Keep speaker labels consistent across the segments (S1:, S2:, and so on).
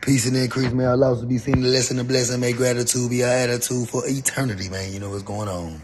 S1: Peace and increase, may our lives be seen The lesson and blessing. May gratitude be our attitude for eternity, man. You know what's going on.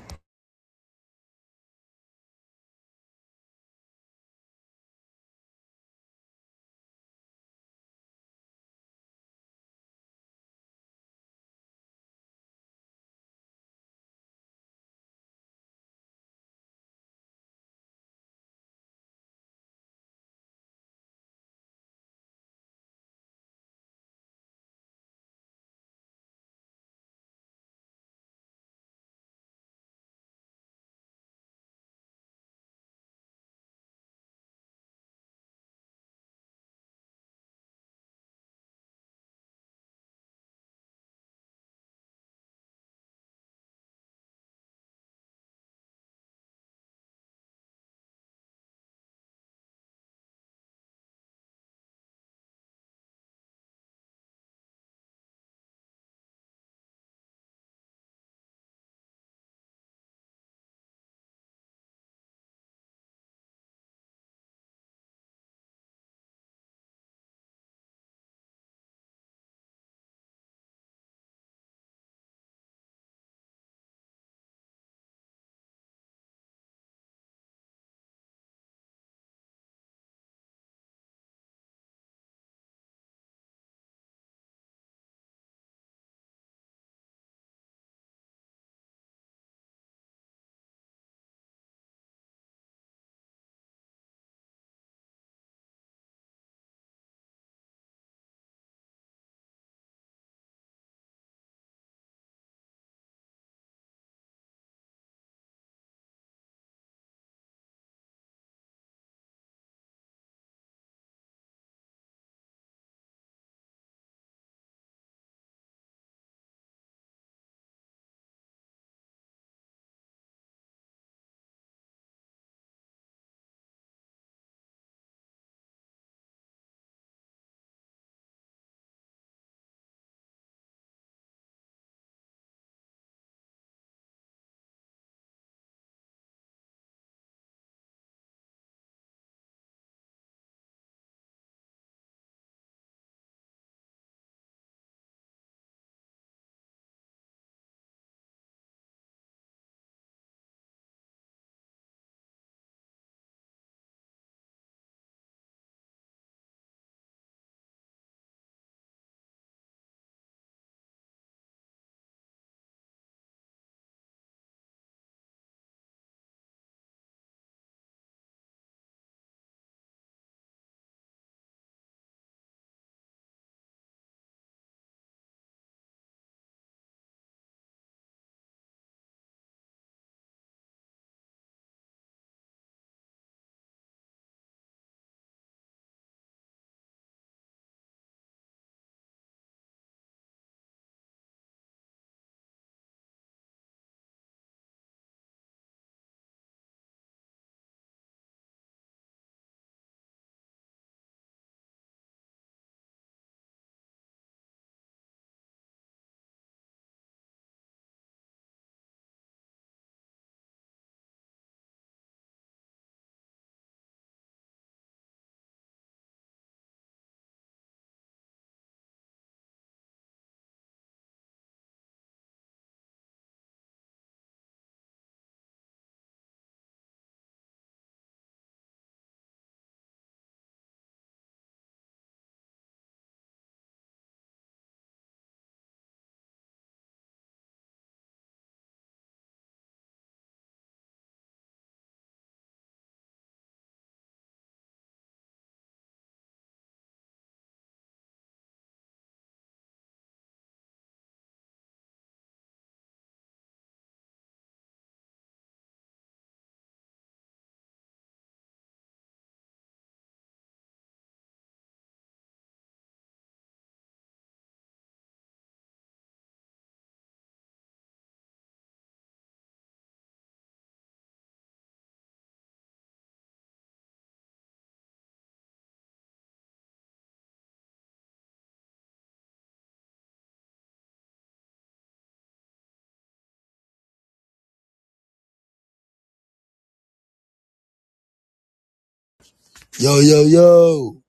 S1: Yo, yo, yo.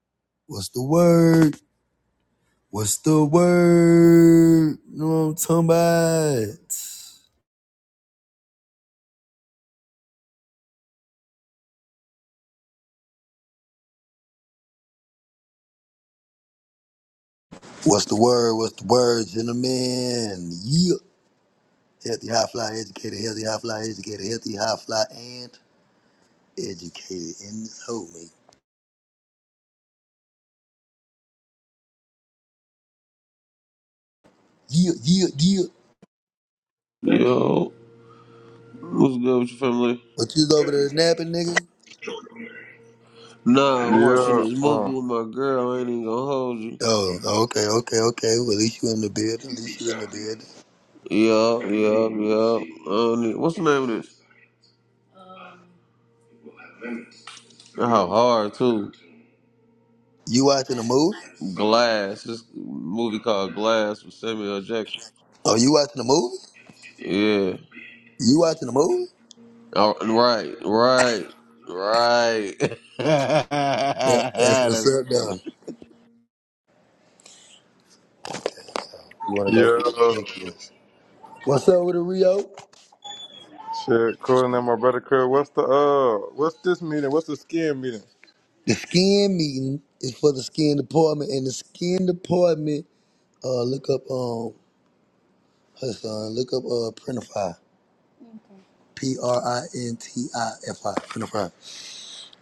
S1: What's the word? What's the word? You know what I'm talking about? What's the word? What's the word, gentlemen? Yeah. Healthy high fly educated, healthy high fly educated, healthy high fly and educated in this hole, man. Yeah, yeah, yeah.
S2: Yo, what's good with your family?
S1: What you over there napping, nigga?
S2: Nah, I'm watching
S3: Yeah,
S2: this movie
S3: uh,
S2: with my girl. I ain't even gonna hold you.
S1: Oh, okay, okay, okay. Well, at least you in the bed. At least you in the bed.
S2: Yup, yup, yup. I What's the name of this? How hard too?
S1: You watching the movie?
S2: Glass. This movie called Glass with Samuel L. Jackson.
S1: Oh, you watching the movie?
S2: Yeah.
S1: You watching the movie?
S2: Oh, Right, right, right.
S1: That, that's what's
S2: That's
S1: up,
S2: funny.
S1: though. You want to go through?
S3: yeah,
S1: Thank you. What's up with it, Rio?
S3: shit, calling that my brother Craig, what's the uh, what's this meeting? What's the skin meeting?
S1: The skin meeting is for the skin department, and the skin department. Uh, look up um her son. Look up uh Printify. P R I N T I F I Printify.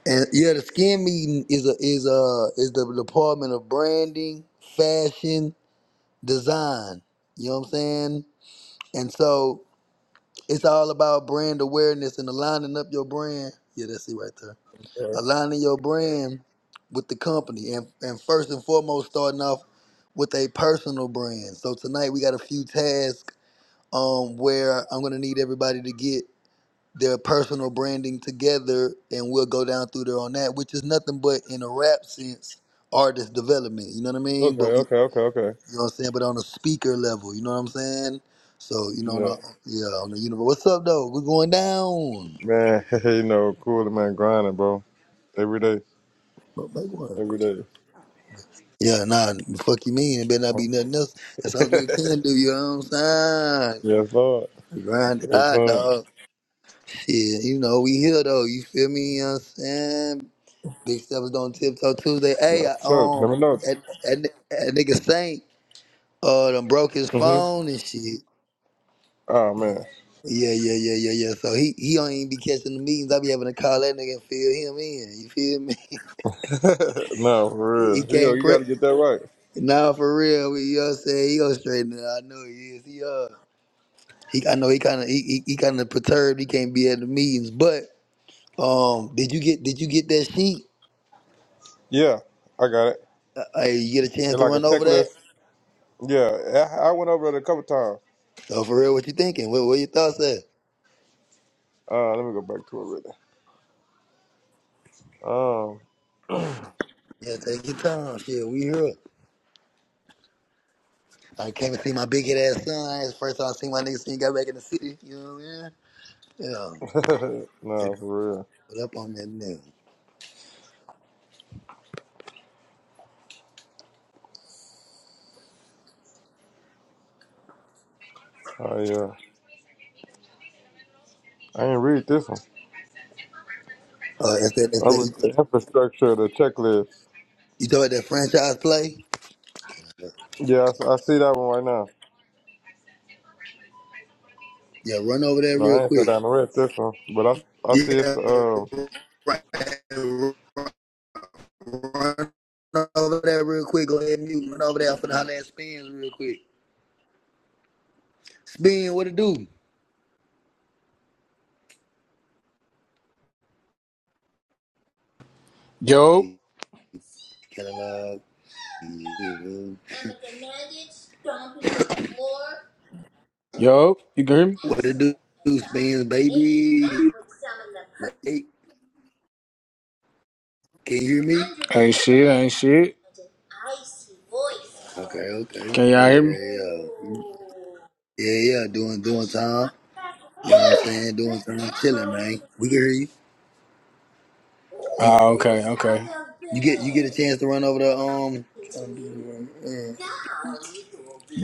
S1: And yeah, the skin meeting is a is a is the department of branding, fashion, design. You know what I'm saying? And so It's all about brand awareness and aligning up your brand. Yeah, that's it right there.
S3: Okay,
S1: Aligning your brand with the company and, and first and foremost starting off with a personal brand. So tonight we got a few tasks um where I'm gonna need everybody to get their personal branding together and we'll go down through there on that, which is nothing but in a rap sense, artist development. You know what I mean?
S3: okay,
S1: But
S3: okay, okay, okay.
S1: you know what I'm saying? But on a speaker level, you know what I'm saying? So, you know, on a,
S3: Yeah,
S1: yeah, on the universe. What's up, though? We're going down.
S3: man, you know, cool, man, grinding, bro, every day,
S1: But make one.
S3: every day.
S1: Yeah, nah, fuck you mean. It better not be
S3: Uh-huh.
S1: nothing else. That's all a nigga can do, you know what I'm saying?
S3: yes, Lord,
S1: Grind it
S3: yes,
S1: out,
S3: Lord.
S1: dog. Shit, you know, we here, though. You feel me? You know what I'm saying? Big Steppers on Tiptoe Tuesday. Hey,
S3: No,
S1: I,
S3: sure, let
S1: um,
S3: me know.
S1: that, that, that nigga Saint uh, done broke his
S3: hmm
S1: phone and shit.
S3: Oh man,
S1: Yeah, yeah, yeah, yeah, yeah. So he he don't even be catching the meetings. I be having to call that nigga and fill him in. You feel me?
S3: no, for
S1: He
S3: real. Here you go.
S1: can't
S3: You
S1: pre
S3: got to get that right.
S1: Nah, for real. We, you know what I'm saying? He gonna straighten it. out. I know he is. He uh he I know he kinda he he, he kinda perturbed, he can't be at the meetings. But um did you get did you get that sheet?
S3: Yeah, I got it.
S1: Uh, hey, you get a chance
S3: It's
S1: to
S3: like a
S1: run over
S3: checklist.
S1: that?
S3: Yeah, I, I went over it a couple times.
S1: So for real, what you thinking? What what your thoughts at?
S3: Uh, let me go back to it really. Um,
S1: Yeah, take your time. Shit, we here. I came and see my big head ass son. It's the first time I seen my nigga since he got back in the city. You know what I mean?
S3: no, for
S1: Yeah.
S3: real.
S1: What up on that now?
S3: Oh yeah, I ain't read this one.
S1: Uh, is that, is
S3: I
S1: that,
S3: read
S1: you
S3: the infrastructure, of the checklist.
S1: you talking about that franchise play?
S3: Yeah, I, s- I see that one right now.
S1: Yeah, run over there
S3: No,
S1: real
S3: I ain't sat
S1: quick.
S3: down and read this one, but I, s- I see it's
S1: Yeah,
S3: the um,
S1: right. Run over there real quick. Go ahead and mute. Run over there. for the finna holler at Spins real quick. Spin, what it do?
S4: Yo,
S1: Catalog. yeah, boo.
S4: yo, you can hear me?
S1: What it do, Spins, baby? Yeah, Hey, can you hear me?
S4: Ain't shit, ain't shit.
S1: Okay, okay.
S4: Can y'all
S1: Yeah,
S4: hear me?
S1: yeah, yeah. Yeah, yeah, doing, doing time. You know what I'm saying? Doing time. Chilling, man. We can hear you. You
S4: Oh, okay, okay.
S1: you get you get a chance to run over the um. trying to do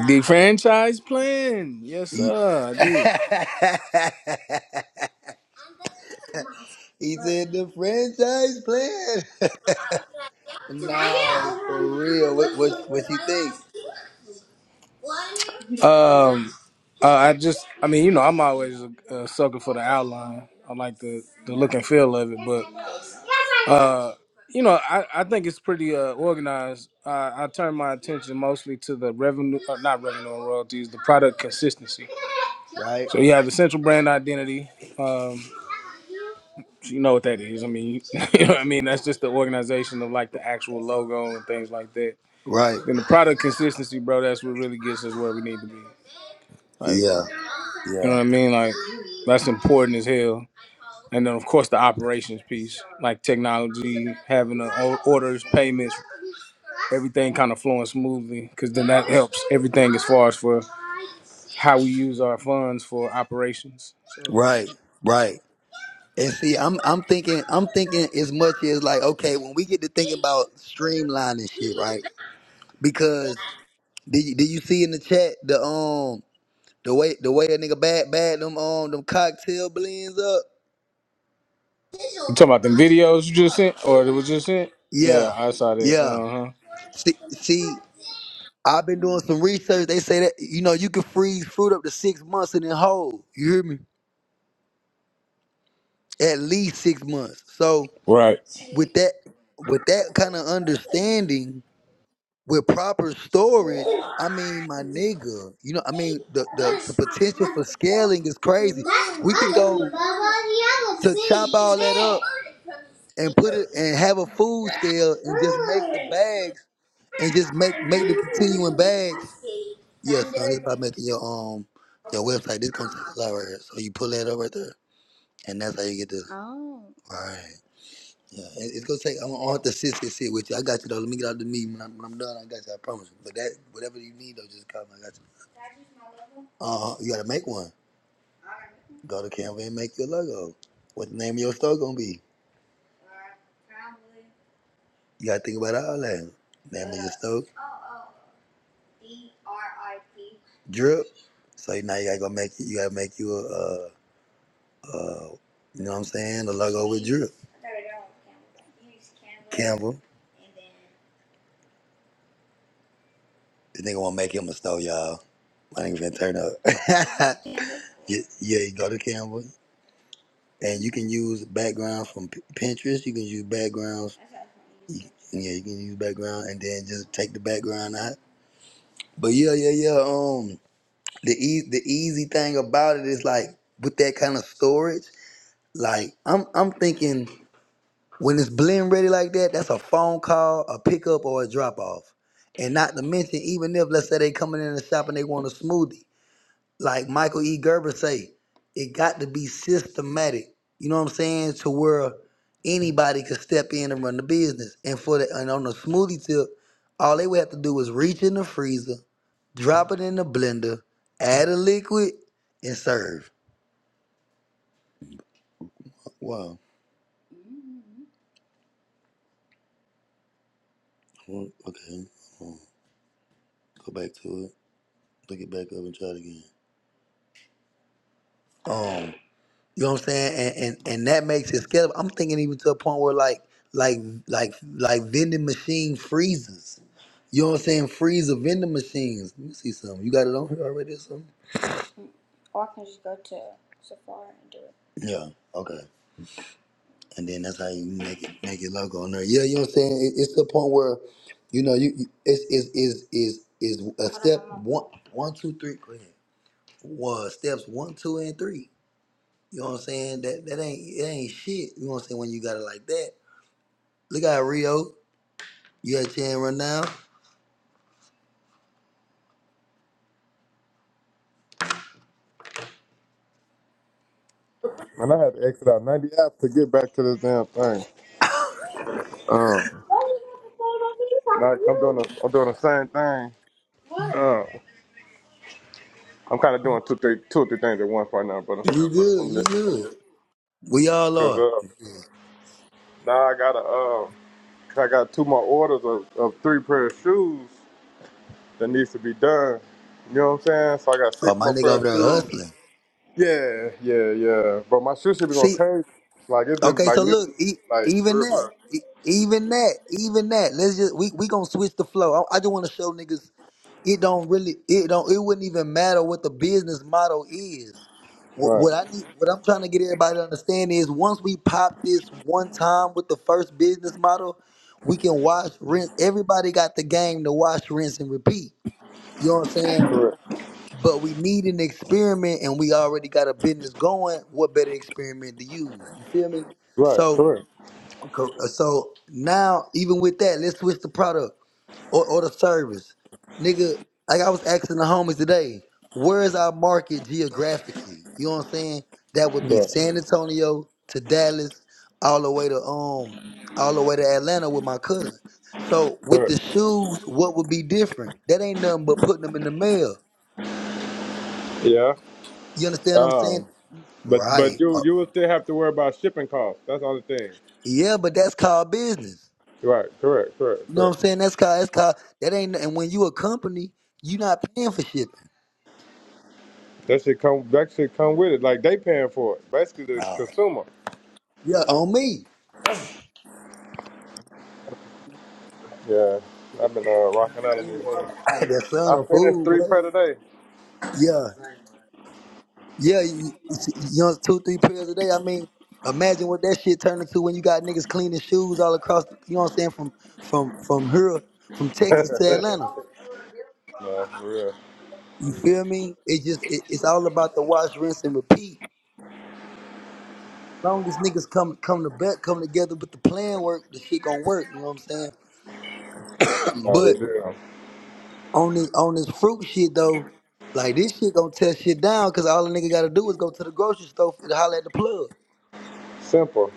S4: The franchise plan. Yes, sir, I did.
S1: right- uh, He, he said the franchise plan. no, for real. What what what you think?
S4: Um, uh, I just, I mean, you know, I'm always a, a sucker for the outline. I like the, the look and feel of it, but uh, you know, I, I think it's pretty uh, organized. I, I turn my attention mostly to the revenue, uh, not revenue and royalties, the product consistency.
S1: Right,
S4: So you have the central brand identity. Um, you know what that is. I mean, you know what I mean. That's just the organization of like the actual logo and things like that.
S1: right.
S4: Then the product consistency, bro, that's what really gets us where we need to be. Like,
S1: Yeah,
S4: you know
S1: yeah.
S4: what I mean? Like, that's important as hell. And then, of course, the operations piece, like technology, having the o- orders, payments, everything kind of flowing smoothly, because then that helps everything as far as for how we use our funds for operations. So, you
S1: Right, right. And see, I'm I'm thinking I'm thinking as much as like okay, when we get to thinking about streamlining shit, right? Because did you, did you see in the chat the um The way the way a nigga bag bag them um them cocktail blends up.
S4: talking about the videos you just sent, or it was just sent?
S1: Yeah,
S4: Yeah, I saw that.
S1: yeah.
S4: Uh huh.
S1: See, see, I've been doing some research. They say that you know you can freeze fruit up to six months and then hold. You hear me? At least six months. So
S4: Right.
S1: with that with that kind of understanding, with proper storage, I mean, my nigga, you know, I mean, the the, the potential for scaling is crazy. We could go to chop all that up and put it and have a food scale and just make the bags and just make make the continuing bags. Yeah, son, it's about making your um your website. This gonna take a lot right here. So you pull that up right there, and that's how you get this. Right. Yeah, it- it's gonna take. I'm gonna have to sit, sit, sit with you. I got you though. Let me get out of the meeting. When I'm, when I'm done, I got you. I promise. you. But that, whatever you need though, just call me. I got you. Uh, you gotta make one. Go to Canva and make your logo. What the name of your store gonna be? You gotta think about all that. Name of your store. drip. So now you gotta go make you gotta make you a, uh uh you know what I'm saying a logo with drip. Canva. This nigga wanna make him a store, y'all. My nigga finna turn up. yeah, yeah, you go to Canva and you can use background from P- Pinterest. You can use backgrounds. You- Yeah, you can use background and then just take the background out. But yeah, yeah, yeah. Um, the e- the easy thing about it is like with that kind of storage, like I'm I'm thinking. When it's blend ready like that, that's a phone call, a pickup, or a drop off. And not to mention, even if let's say they coming in the shop and they want a smoothie, like Michael E. Gerber say, it got to be systematic. You know what I'm saying? To where anybody could step in and run the business. And for the and on the smoothie tip, all they would have to do is reach in the freezer, drop it in the blender, add a liquid, and serve. Wow. Well, Okay. Um, Go back to it. Look it back up and try it again. You know what I'm saying? And and, and that makes it scalable. I'm thinking even to a point where like like like like vending machine freezers. You know what I'm saying? Freezer vending machines. Let me see something. You got it on here already or something? Yeah. Okay. And then that's how you make it make it logo on there. Yeah. You know what I'm saying? It, it's to the point where, you know, you you- it's is is is is a step one one two three. Go ahead. Well, steps one two and three. You know what I'm saying? That that ain't it ain't shit. You know what I'm saying? When you got it like that, look at Rio. You at Chan right now?
S3: and I had to exit out ninety apps to get back to this damn thing. Um, like I'm doing the, I'm doing the same thing. Um, I'm kind of doing two, three, two or three things at once right now, but I'm,
S1: You good,
S3: I'm
S1: you
S3: listening.
S1: good. We all
S3: Cause
S1: are.
S3: uh, now I got a, uh, I got two more orders of, of three pair of shoes. that needs to be done. You know what I'm saying? So I got
S1: Oh,
S3: six
S1: my
S3: more
S1: nigga
S3: pair of
S1: over there
S3: shoes.
S1: hustling.
S3: Yeah, yeah, yeah. But my shoe shit be going
S1: See,
S3: crazy. Like it's been
S1: okay,
S3: like
S1: so look,
S3: literally
S1: e-
S3: like for
S1: even
S3: real, for
S1: that,
S3: real.
S1: e- even that, even that. Let's just we we gonna switch the flow. I, I just want to show niggas it don't really it don't it wouldn't even matter what the business model is. What,
S3: Right,
S1: what I need, what I'm trying to get everybody to understand is once we pop this one time with the first business model, we can wash rinse. Everybody got the game to wash, rinse, and repeat. You know what I'm saying?
S3: correct,
S1: But we need an experiment and we already got a business going. What better experiment to use? You feel me?
S3: right,
S1: So
S3: correct,
S1: cor- so now even with that, let's switch the product or, or the service. Nigga, like I was asking the homies today, where is our market geographically? You know what I'm saying? That would be
S3: correct,
S1: San Antonio to Dallas, all the way to um all the way to Atlanta with my cousin. So with
S3: correct.
S1: the shoes, what would be different? That ain't nothing but putting them in the mail.
S3: Yeah.
S1: You understand what I'm saying?
S3: Um. But but
S1: Right. Uh,
S3: you you will still have to worry about shipping costs. That's the only thing.
S1: yeah, but that's called business.
S3: Right, correct, correct,
S1: You know what
S3: correct.
S1: I'm saying? That's called that's called that ain't and when you a company, you not paying for shipping.
S3: That should come that should come with it. Like they paying for it. Basically the consumer.
S1: Yeah, on me.
S3: Yeah. I've been uh, rocking out in these hoodies.
S1: Hey, that son
S3: I
S1: a
S3: finished
S1: fool,
S3: three
S1: what?
S3: pair today.
S1: Yeah. Yeah, you, you know, two, three pairs a day. I mean, imagine what that shit turned into when you got niggas cleaning shoes all across you know what I'm saying, from from from here, from Texas to Atlanta.
S3: No, for real.
S1: You feel me? It just it, it's all about the wash, rinse, and repeat. long as niggas come come to bet come together with the plan work, the shit gonna work. You know what I'm saying?
S3: No, we
S1: But
S3: do.
S1: on this on this fruit shit though, like this shit gonna tear shit down because all a nigga gotta do is go to the grocery store and holler at the plug.
S3: Simple.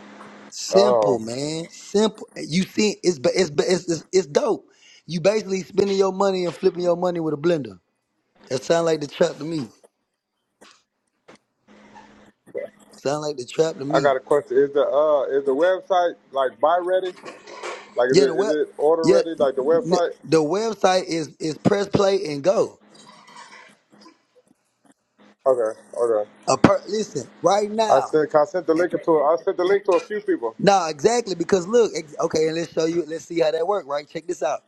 S3: Um,
S1: Simple, man. Simple. You see, it's ba- it's ba- it's it's, it's dope. You basically spending your money and flipping your money with a blender. That sound like the trap to me. Sound like the trap to
S3: I
S1: me.
S3: got a question. Is the uh is the website like buy ready? Like is it
S1: Yeah, the
S3: is
S1: web.
S3: it order
S1: Yeah,
S3: ready? Like the
S1: n-
S3: website?
S1: the website is is press play and go.
S3: Okay, okay.
S1: A per- listen, right
S3: I
S1: now.
S3: sent I sent the link to I sent the link to a few people
S1: Nah, exactly. Because look, ex- okay, and let's show you. Let's see how that work. Right? Check this out.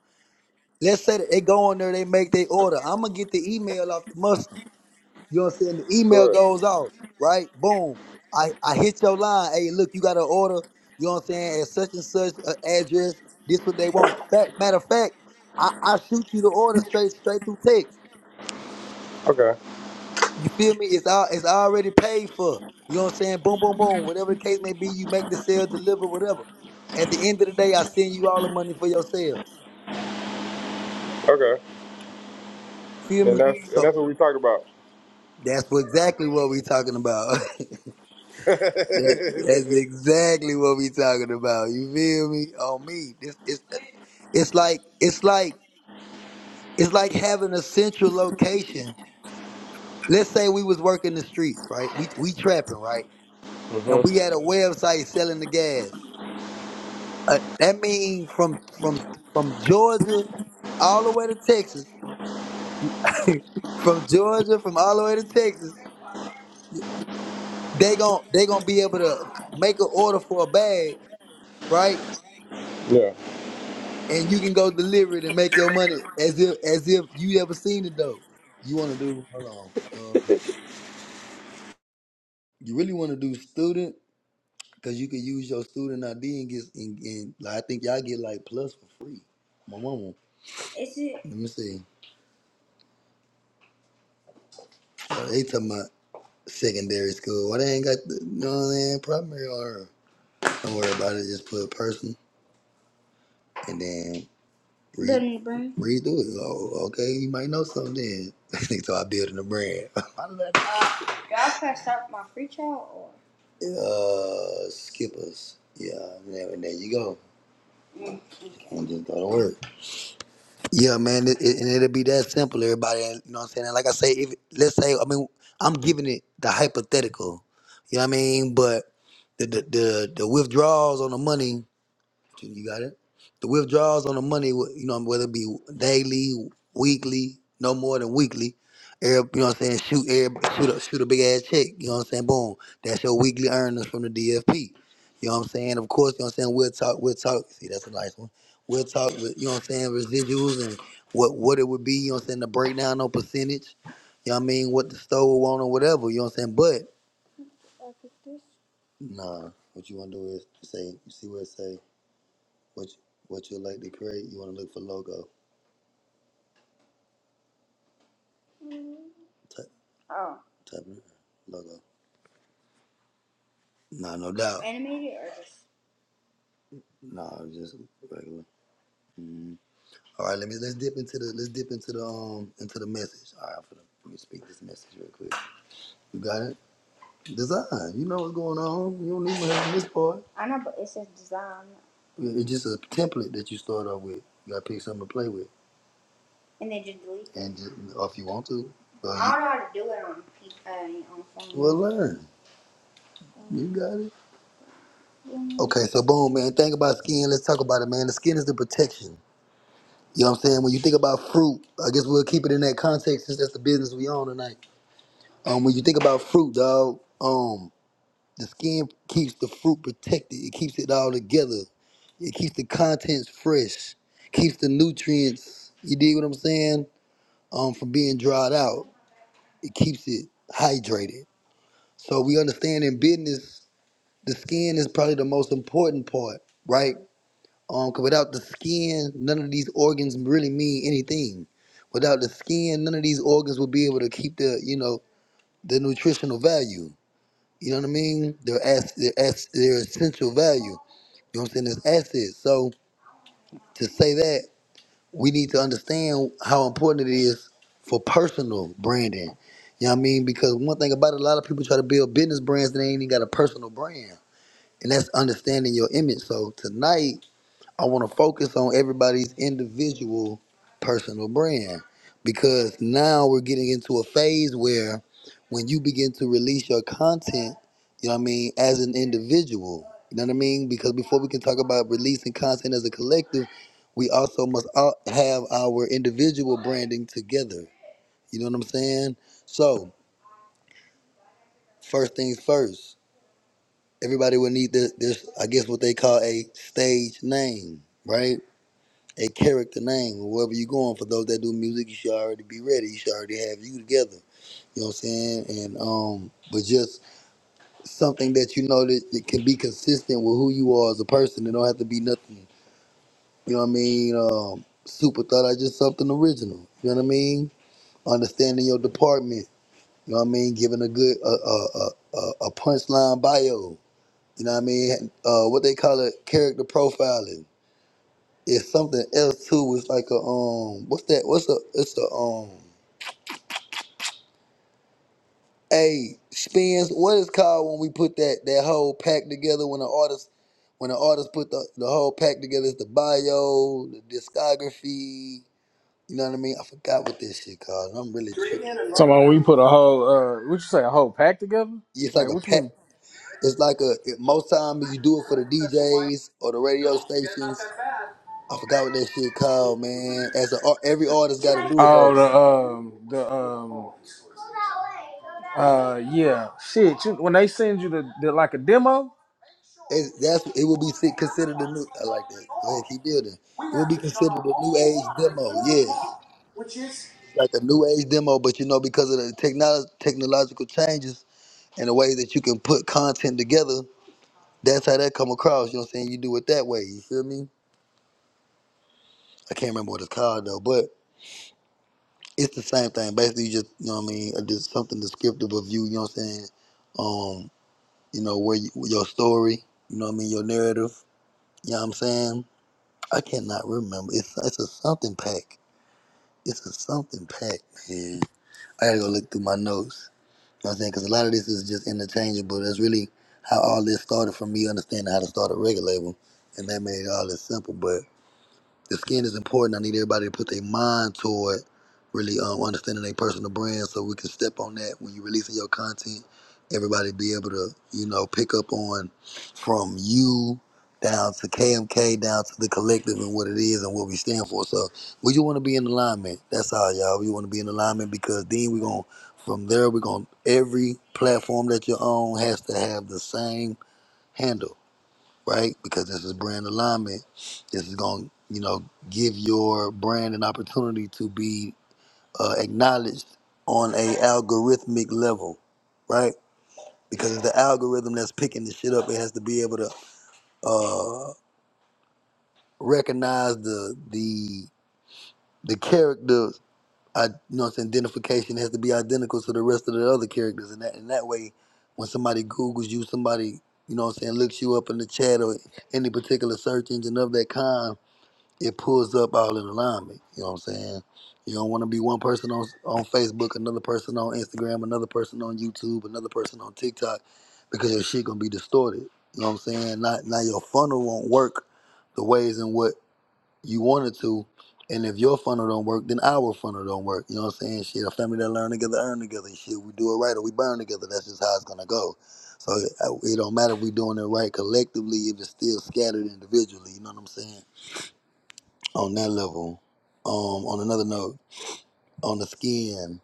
S1: Let's say that they go on there, they make their order. I'm gonna get the email off the Muslim. You know what I'm saying? The email
S3: to it.
S1: goes off, right? Boom. I I hit your line. Hey, look, you got an order. You know what I'm saying? At such and such uh, address. This what they want. Fact, matter of fact, I, I shoot you the order straight straight through text.
S3: Okay,
S1: You feel me? It's all it's already paid for. You know what I'm saying? Boom, boom, boom. Whatever the case may be, you make the sale, deliver, whatever. At the end of the day, I send you all the money for your sales.
S3: okay.
S1: Feel
S3: And
S1: me?
S3: that's and
S1: So
S3: that's what we talked about.
S1: that's what, exactly what we talking about. that, that's exactly what we talking about. You feel me? On me. This it's it's like it's like it's like having a central location. Let's say we was working the streets, right? We we trapping, right? And we
S3: Mm-hmm.
S1: had a website selling the gas. Uh, that means from from from Georgia all the way to Texas. From Georgia, from all the way to Texas, they gon' they gonna be able to make an order for a bag, right?
S3: yeah.
S1: And you can go deliver it and make your money as if as if you ever seen it though. You want to do? Hold on. Uh, you really want to do student? Cause you could use your student ID and get and, and like, I think y'all get like plus for free. My mama. Let me see. So they talking about. secondary school. Why they ain't got the you know what I mean, primary or don't worry about it, just put a person and then read read through it. Oh, okay, you might know something then. I think so I building a brand. uh skippers. Yeah, there there you go. And just go to work. Yeah, man, it, it, and it'll be that simple, everybody. You know what I'm saying? And like I say, if let's say, I mean, I'm giving it the hypothetical. You know what I mean? But the the the, the withdrawals on the money You got it. The withdrawals on the money, you know, whether it be daily, weekly, no more than weekly. Every, you know what I'm saying? Shoot, every, shoot, a, shoot a big ass check. You know what I'm saying? Boom. That's your weekly earnings from the DFP. You know what I'm saying? Of course, you know what I'm saying. We'll talk. We'll talk. See, that's a nice one. We'll talk. with- You know what I'm saying? Residuals and what what it would be. You know what I'm saying? The breakdown on percentage. You know what I mean? What the store will want or whatever. You know what I'm saying? But nah, what you want to do is say you see what it say. What you, what you like to create? You want to look for logo. Type type in logo. Nah, no doubt. Nah, just regular. Mhm. All right, let me let's dip into the let's dip into the um into the message. All right, I'm finna, let me speak this message real quick. You got it? Design. You know what's going on. You don't even have this part. It- It's just a template that you start off with. You gotta pick something to play with, and just, or if you want to, but well learn. You got it. Okay, so boom, man. Think about skin. Let's talk about it, man. The skin is the protection. You know what I'm saying? When you think about fruit, I guess we'll keep it in that context since that's the business we on tonight. Um, when you think about fruit, dog, um, the skin keeps the fruit protected. It keeps it all together. It keeps the contents fresh. Keeps the nutrients. You dig what I'm saying? Um, from being dried out. It keeps it hydrated. So we understand in business, the skin is probably the most important part, right? Um, 'cause without the skin, none of these organs really mean anything. Without the skin, none of these organs will be able to keep the, you know, the nutritional value. You know what I mean? Their ass, their ass, their essential value. You know what I'm saying? There's assets. So to say that, we need to understand how important it is for personal branding. You know what I mean? Because one thing about it, a lot of people try to build business brands that ain't even got a personal brand, and that's understanding your image. So tonight I want to focus on everybody's individual personal brand because now we're getting into a phase where when you begin to release your content, you know what I mean, as an individual, you know what I mean? Because before we can talk about releasing content as a collective, we also must all have our individual branding together. You know what I'm saying? So, first things first, everybody will need this, this I guess what they call a stage name, right? a character name, wherever you're going. For those that do music, you should already be ready. You should already have you together. You know what I'm saying? And um, but just something that you know that, that can be consistent with who you are as a person. It don't have to be nothing. You know what I mean? Um, super thought I just something original. You know what I mean? Understanding your department. You know what I mean? Giving a good a a a, a a punchline bio. You know what I mean? Uh, what they call it character profiling. It's something else too. It's like a um, what's that? What's a? It's a um, a spins. What is called when we put that that whole pack together when the artist when the artist put the, the whole pack together? It's the bio, the discography. You know what I mean? I forgot what this shit called. I'm really tripping.
S4: Talking about we put a whole, uh, what you say, a whole pack together?
S1: It's like
S4: Like,
S1: a
S4: what you
S1: pack.
S4: mean?
S1: It's like a it, most time you do it for the DJs or the radio stations. I forgot what that shit called, man. As a, every artist got to do it though.
S4: Oh, the um, the um, uh, yeah, shit. You, when they send you the, the like a demo,
S1: It, that's it would be si- considered a new. I like that. Go ahead, keep building. It would be considered a new age demo. Yes, it's like a new age demo, but you know because of the technolo- technological changes and the way that you can put content together, that's how that come across. You know what I'm saying? You do it that way. You feel me? I can't remember what it's called though, but it's the same thing. Basically, you just you know what I mean. uh, Just something descriptive of you. You know what I'm saying? Um, you know where you, your story. You know what I mean? Your narrative. You know what I'm saying? I cannot remember. It's it's a something pack. It's a something pack, man. I gotta go look through my notes. You know what I'm saying? Because a lot of this is just interchangeable. That's really how all this started from me understanding how to start a record label. And that made all this simple. But the skin is important. I need everybody to put their mind toward really um, understanding their personal brand so we can step on that when you're releasing your content. Everybody be able to, you know, pick up on from you down to KMK, down to the collective and what it is and what we stand for. So we just want to be in alignment. That's all, y'all. We want to be in alignment because then we're going to, from there, we're going to, every platform that you're on has to have the same handle right? Because this is brand alignment. This is going to, you know, give your brand an opportunity to be uh, acknowledged on a algorithmic level, right? Because it's the algorithm that's picking the shit up. It has to be able to uh, recognize the the the character. I, you know, what I'm saying identification has to be identical to the rest of the other characters, and that and that way, when somebody Google's you, somebody you know, what I'm saying looks you up in the chat or any particular search engine of that kind, it pulls up all in alignment. You know what I'm saying? You don't want to be one person on on Facebook, another person on Instagram, another person on YouTube, another person on TikTok, because your shit gonna be distorted. You know what I'm saying? Not now your funnel won't work the ways in what you want it to. And if your funnel don't work, then our funnel don't work. You know what I'm saying? Shit, a family that learn together, earn together. Shit, we do it right or we burn together. That's just how it's gonna go. So it, it don't matter if we doing it right collectively if it's still scattered individually. You know what I'm saying? on that level. Um, on another note, on the skin,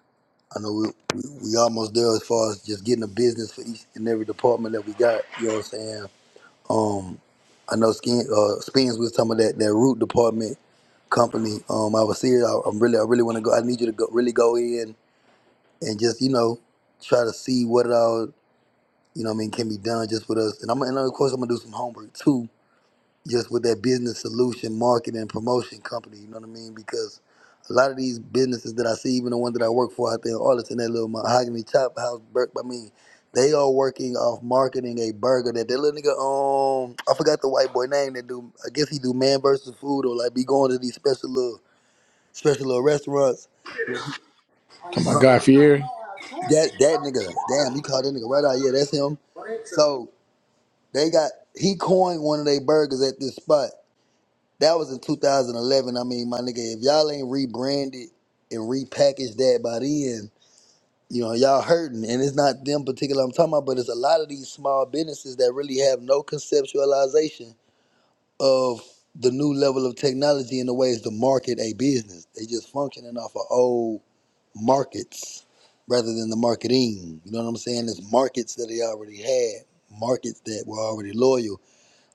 S1: I know we, we we almost there as far as just getting a business for each and every department that we got. You know what I'm saying? Um, I know skin uh, spins with some of that that root department company. Um, I was serious. I, I'm really I really want to go. I need you to go, really go in and just you know try to see what it all you know what I mean can be done just with us. And I'm and of course I'm gonna do some homework too just with that business solution marketing and promotion company. You know what I mean? Because a lot of these businesses that I see, even the one that I work for out there in Arlington, that little mahogany chop house, bur- I mean, they are working off marketing a burger that that little nigga um I forgot the white boy name that do I guess he do man versus food or like be going to these special little special little restaurants. Yeah, he-
S4: My
S1: uh,
S4: guy Fieri.
S1: That that nigga, damn, you called that nigga right out. Yeah, that's him. So they got he coined one of their burgers at this spot That was in 2011. I mean, my nigga, if y'all ain't rebranded and repackaged that by then, you know, y'all hurting. And it's not them particular I'm talking about, but it's a lot of these small businesses that really have no conceptualization of the new level of technology and the ways to market a business. They just functioning off of old markets rather than the marketing. You know what I'm saying? It's markets that they already had, markets that were already loyal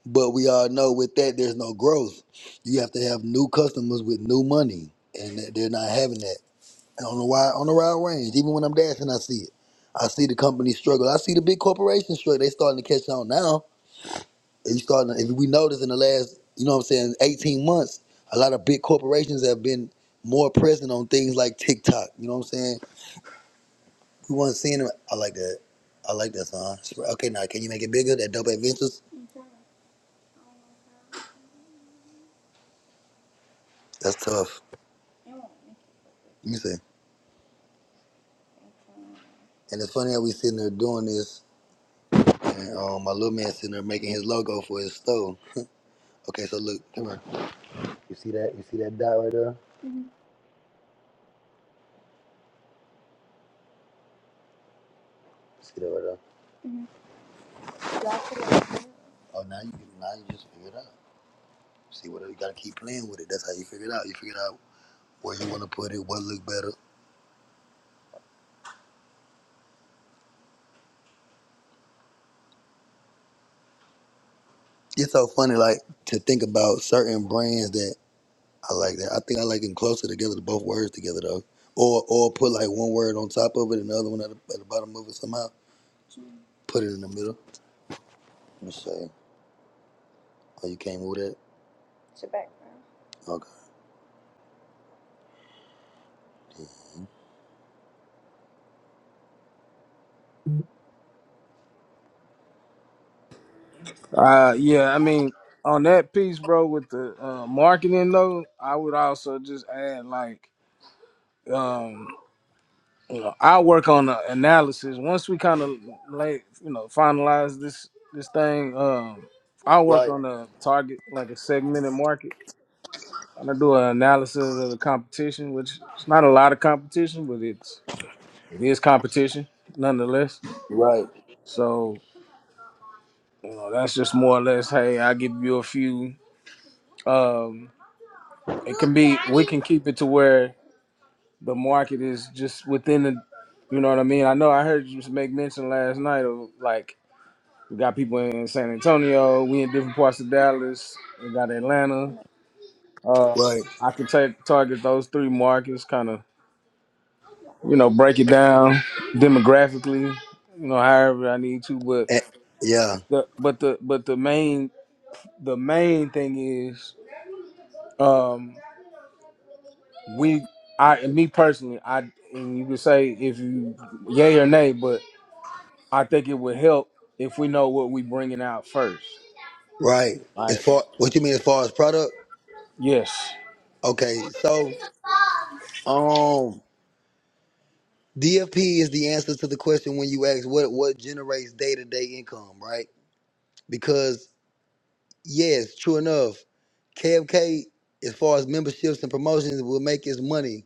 S1: but we all know with that, there's no growth. You have to have new customers with new money, and that- they're not having that. And on the wide, on the wide range, even when I'm dashing, I see it. I see the company struggle. I see the big corporations struggle. They starting to catch on now. If you starting, if we notice in the last, you know what I'm saying, 18 months, a lot of big corporations have been more present on things like TikTok. You know what I'm saying? We weren't seeing them. I like that. I like that song. Okay, now can you make it bigger? That dope adventures. That's tough. Let me see. And it's funny how we sitting there doing this, and um, my little man sitting there making his logo for his store. Okay, so look, come here. You see that? You see that dot right there? see that right there? Oh, now you now you just figure it out. See what you gotta keep playing with it. That's how you figure it out. You figure out where you want to put it, what look better. It's so funny, like to think about certain brands that I like. That I think I like them closer together, to both words together though, or or put like one word on top of it and the other one at the, at the bottom of it somehow. Put it in the middle. Let me show you. Oh, you can't move that. Okay.
S4: uh, yeah. I mean, on that piece, bro, with the uh, marketing though, I would also just add like, um, you know, I work on the analysis. Once we kind of like, you know, finalize this this thing, um, I work
S1: Right.
S4: on the target like a segmented market. trying to do an analysis of the competition, which it's not a lot of competition, but it's it is competition nonetheless.
S1: Right.
S4: So you know that's just more or less. Hey, I give you a few. Um, it can be we can keep it to where the market is just within the. You know what I mean? I know I heard you make mention last night of like we got people in San Antonio, we in different parts of Dallas, we got Atlanta. Uh,
S1: Right.
S4: I could take target those three markets, kind of you know, break it down demographically, you know, however I need to. But
S1: Eh, yeah.
S4: the but the but the main the main thing is um we I and me personally I and you could say if you yay or nay, but I think it would help if we know what we bringing out first.
S1: Right. As
S4: Like
S1: far what you mean as far as product?
S4: yes.
S1: Okay. So um DFP is the answer to the question when you ask what what generates day to day income, right? Because yes, true enough, KFK as far as memberships and promotions will make its money,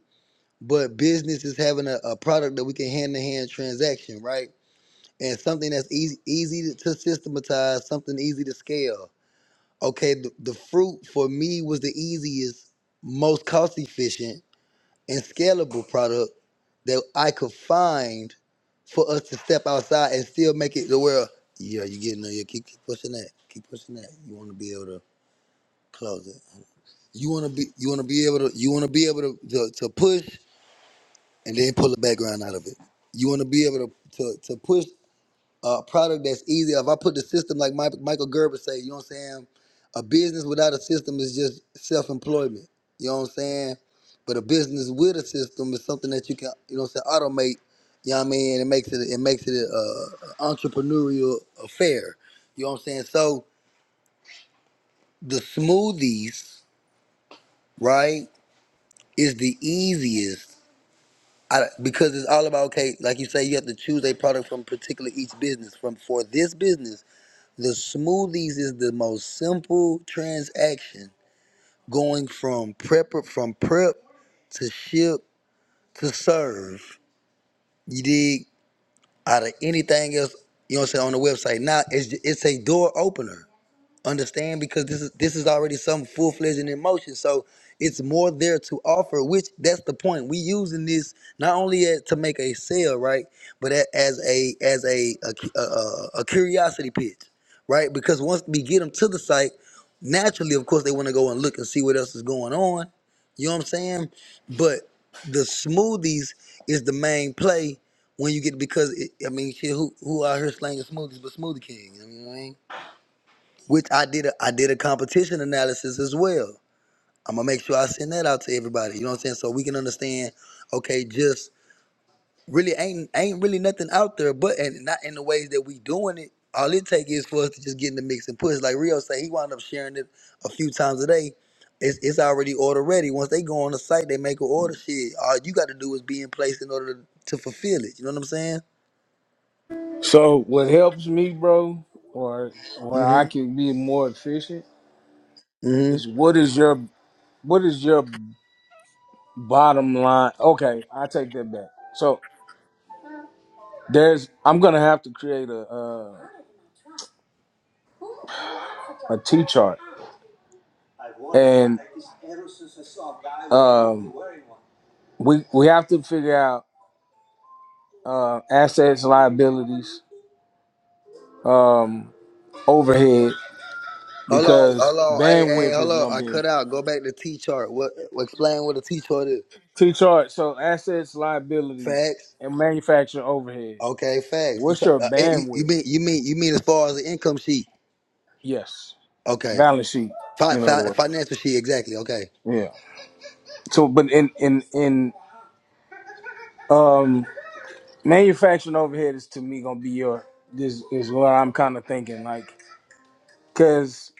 S1: but business is having a, a product that we can hand to hand transaction, right? And something that's easy easy to systematize, something easy to scale. okay, the, the fruit for me was the easiest, most cost efficient, and scalable product that I could find for us to step outside and still make it the world. Yeah, you getting there. Yeah, keep, keep pushing that. Keep pushing that. You want to be able to close it. You want to be. You want to be able to. You want to be able to, to to push and then pull the background out of it. You want to be able to to to push. a product that's easy. If I put the system like Mike, Michael Gerber say, you know what I'm saying? A business without a system is just self-employment. You know what I'm saying? But a business with a system is something that you can, you know what I'm saying, automate. You know what I mean? It makes it it makes it a, a entrepreneurial affair. You know what I'm saying? So the smoothies, right, is the easiest. I, because it's all about okay, like you say, you have to choose a product from particular each business. From for this business, The smoothies is the most simple transaction going from prep from prep to ship to serve. You dig out of anything else, you know what I'm saying, on the website. Now it's it's a door opener. Understand? Because this is this is already some full fledged in emotion. So it's more there to offer, which that's the point. We using this not only as, to make a sale, right, but a- as a as a a, cu- a a a curiosity pitch, right? Because once we get them to the site, naturally, of course, they want to go and look and see what else is going on. You know what I'm saying? But the smoothies is the main play when you get because it, I mean, shit, who who out here slanging smoothies but Smoothie King? You know what I mean? which I did a, I did a competition analysis as well. I'm gonna make sure I send that out to everybody. You know what I'm saying? So we can understand, okay, just really ain't ain't really nothing out there, but and not in the ways that we doing it. All it take is for us to just get in the mix and push. Like Rio say, he wound up sharing it a few times a day. It's, it's already order ready. Once they go on the site, they make an order. Shit, all you got to do is be in place in order to, to fulfill it. You know what I'm saying?
S4: So what helps me, bro, or where I
S1: Mm-hmm.
S4: can be more efficient is what is your what is your bottom line? Okay, I take that back. So. There's I'm gonna have to create a uh, a T chart, and um, we we have to figure out uh, assets, liabilities, um, overhead
S1: Hold on,
S4: because
S1: hold on, hey, hey,
S4: bandwidth
S1: hold
S4: is
S1: on.
S4: gonna
S1: I
S4: be
S1: cut out. Go back to T chart. What? Explain what a T chart is.
S4: T chart. So assets, liabilities,
S1: Facts.
S4: and manufacturing overhead.
S1: Okay, facts. You,
S4: What's
S1: ta-
S4: your
S1: uh, eh, you you
S4: bandwidth?
S1: mean you mean you mean as far as the income sheet?
S4: Yes,
S1: Okay,
S4: balance sheet.
S1: fi-
S4: In other
S1: fi-
S4: words,
S1: financial sheet exactly. Okay.
S4: yeah. So, but in in in um, manufacturing overhead is to me gonna be your this is what I'm kind of thinking like. Cause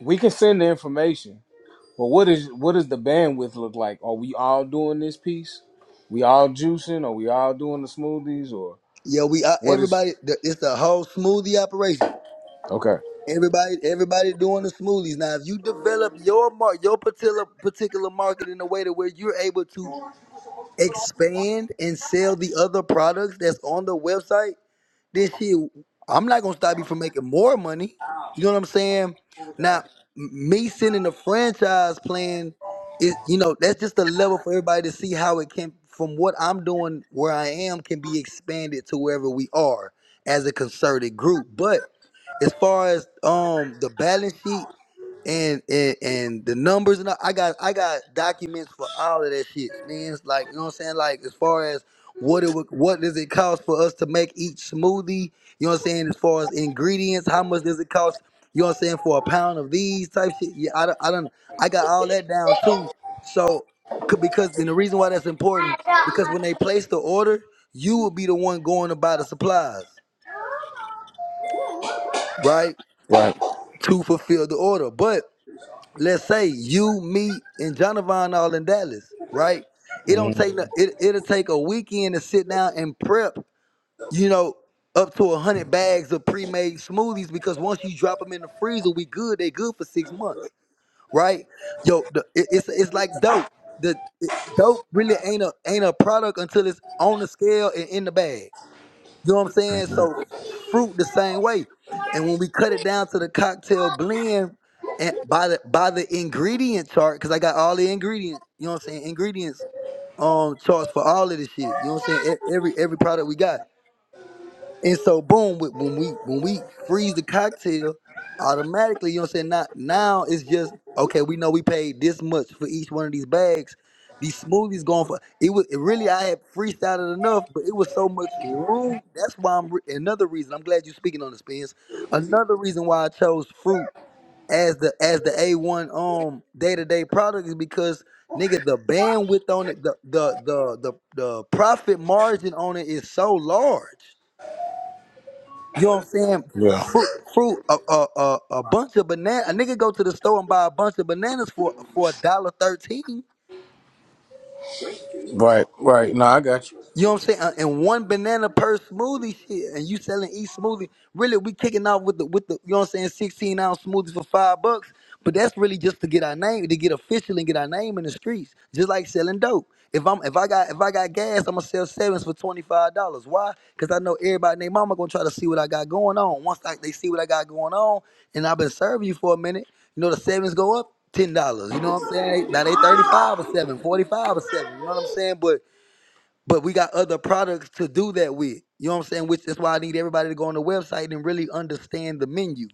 S4: we can send the information, but what is what does the bandwidth look like? Are we all doing this piece? We all juicing? Are we all doing the smoothies? Or
S1: Yeah, we uh,
S4: what is?
S1: everybody. The, it's the whole smoothie operation.
S4: Okay,
S1: Everybody, everybody doing the smoothies now. If you develop your mark, your particular particular market in a way to where you're able to expand and sell the other products that's on the website then shit, I'm not gonna stop you from making more money. You know what I'm saying? Now, m- me sending the franchise plan is, you know, that's just a level for everybody to see how it can, from what I'm doing, where I am, can be expanded to wherever we are as a concerted group. But as far as um the balance sheet and and, and the numbers and all- I got I got documents for all of that shit, man. It's Like you know what I'm saying? Like as far as what it would, what does it cost for us to make each smoothie? You know what I'm saying? As far as ingredients, how much does it cost? You know what I'm saying for a pound of these type shit? Yeah, I done- I done I got all that down too. So c- because then the reason why that's important because when they place the order, you will be the one going to buy the supplies, right?
S4: right,
S1: To fulfill the order, but let's say you, me, and Jonathan all in Dallas, right? It don't
S4: Mhm.
S1: take no, it, it'll take a weekend to sit down and prep, you know, up to a hundred bags of pre-made smoothies because once you drop them in the freezer, we good. They good for six months, right? Yo, the, it, it's it's like dope. The it, dope really ain't a ain't a product until it's on the scale and in the bag. You know what I'm saying? So fruit the same way. And when we cut it down to the cocktail blend and by the by the ingredient chart, because I got all the ingredients, you know what I'm saying, ingredients um charts for all of this shit. You know what I'm saying? E- Every every product we got. And so boom, wh- when we when we freeze the cocktail, automatically, you know what I'm saying? Now now it's just okay, we know we paid this much for each one of these bags. These smoothies going for it was it really I had freestyled enough, but it was so much room. That's why I'm re- another reason. I'm glad you're speaking on this, Spence. Another reason why I chose fruit as the as the A1 um day-to-day product is because nigga the bandwidth on it, the the the the, the profit margin on it is so large. You know what I'm saying?
S4: yeah,
S1: Fruit, fruit, a a a, a bunch of banana. A nigga go to the store and buy a bunch of bananas for for a dollar thirteen.
S4: right, right. No, I got you.
S1: You know what I'm saying? Uh, And one banana per smoothie, shit. And you selling each smoothie. Really, we kicking off with the with the you know what I'm saying, 16 ounce smoothies for five bucks. But that's really just to get our name, to get official and get our name in the streets. Just like selling dope. If I'm if I got if I got gas, I'm gonna sell sevens for twenty five dollars. Why? Because I know everybody and their mama gonna try to see what I got going on. Once I, they see what I got going on, and I've been serving you for a minute, you know the sevens go up ten dollars. You know what I'm saying? Now they thirty five or seven, forty five or seven. You know what I'm saying? But but we got other products to do that with. You know what I'm saying? Which is why I need everybody to go on the website and really understand the menu.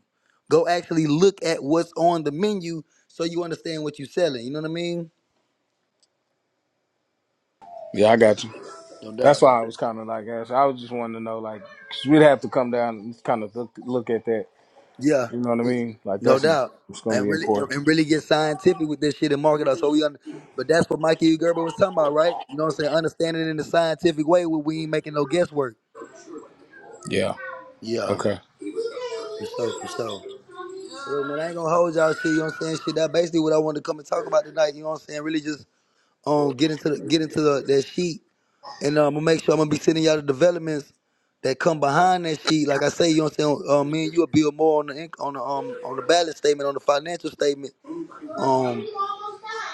S1: Go actually look at what's on the menu so you understand what you're selling. You know what I mean?
S4: Yeah, I got you.
S1: No
S4: That's
S1: doubt.
S4: why I was kind of like, asking. I was just wanting to know, like, we we'd have to come down and kind of look, look at that.
S1: Yeah,
S4: You know what I
S1: we-
S4: mean? Like,
S1: no
S4: that's
S1: doubt.
S4: it's gonna
S1: And
S4: be
S1: really and
S4: important.
S1: and really get scientific with this shit and market us. So we under, but that's what Mikey E. Gerber was talking about, right? You know what I'm saying? Understanding it in a scientific way where we ain't making no guesswork.
S4: Yeah.
S1: Yeah,
S4: Okay.
S1: for sure, for sure. Look, man, I ain't gonna hold y'all shit, you know what I'm saying? Shit, that basically what I wanted to come and talk about tonight, you know what I'm saying? Really just um get into the get into the, that sheet and um, I'm gonna make sure I'm gonna be sending y'all the developments that come behind that sheet. Like I say, you know what I'm saying? Um, me and you'll build more on the inc- on the um on the balance statement, on the financial statement, um,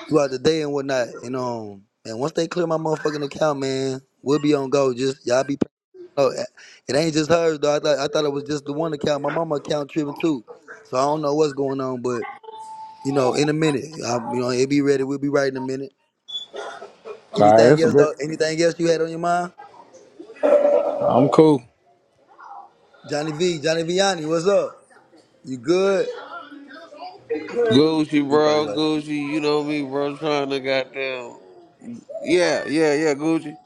S1: throughout the day and whatnot. And um and once they clear my motherfucking account, man, we'll be on go. Just y'all be Oh, eh, it ain't just hers though. I thought I thought it was just the one account. My mama account tripping too. So I don't know what's going on, you know, in a minute. Um, you know, it be ready. We'll be right in a minute.
S4: All right.
S1: Anything
S4: That's a
S1: else
S4: bit.
S1: though? Anything else you had on your mind?
S4: I'm cool.
S1: Johnny V, Johnny Vianney, what's up? You good?
S2: Gucci,
S1: He probably
S2: bro,
S1: like
S2: Gucci. You know me, bro. Trying to goddamn. Yeah, yeah, yeah. Gucci.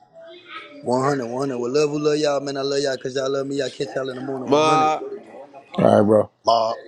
S1: One hundred, one hundred. 100. Well, love who love y'all, man. I love y'all because y'all love me. I catch y'all in the morning, 100.
S4: All
S2: Ma.
S4: right, bro.
S1: Bob.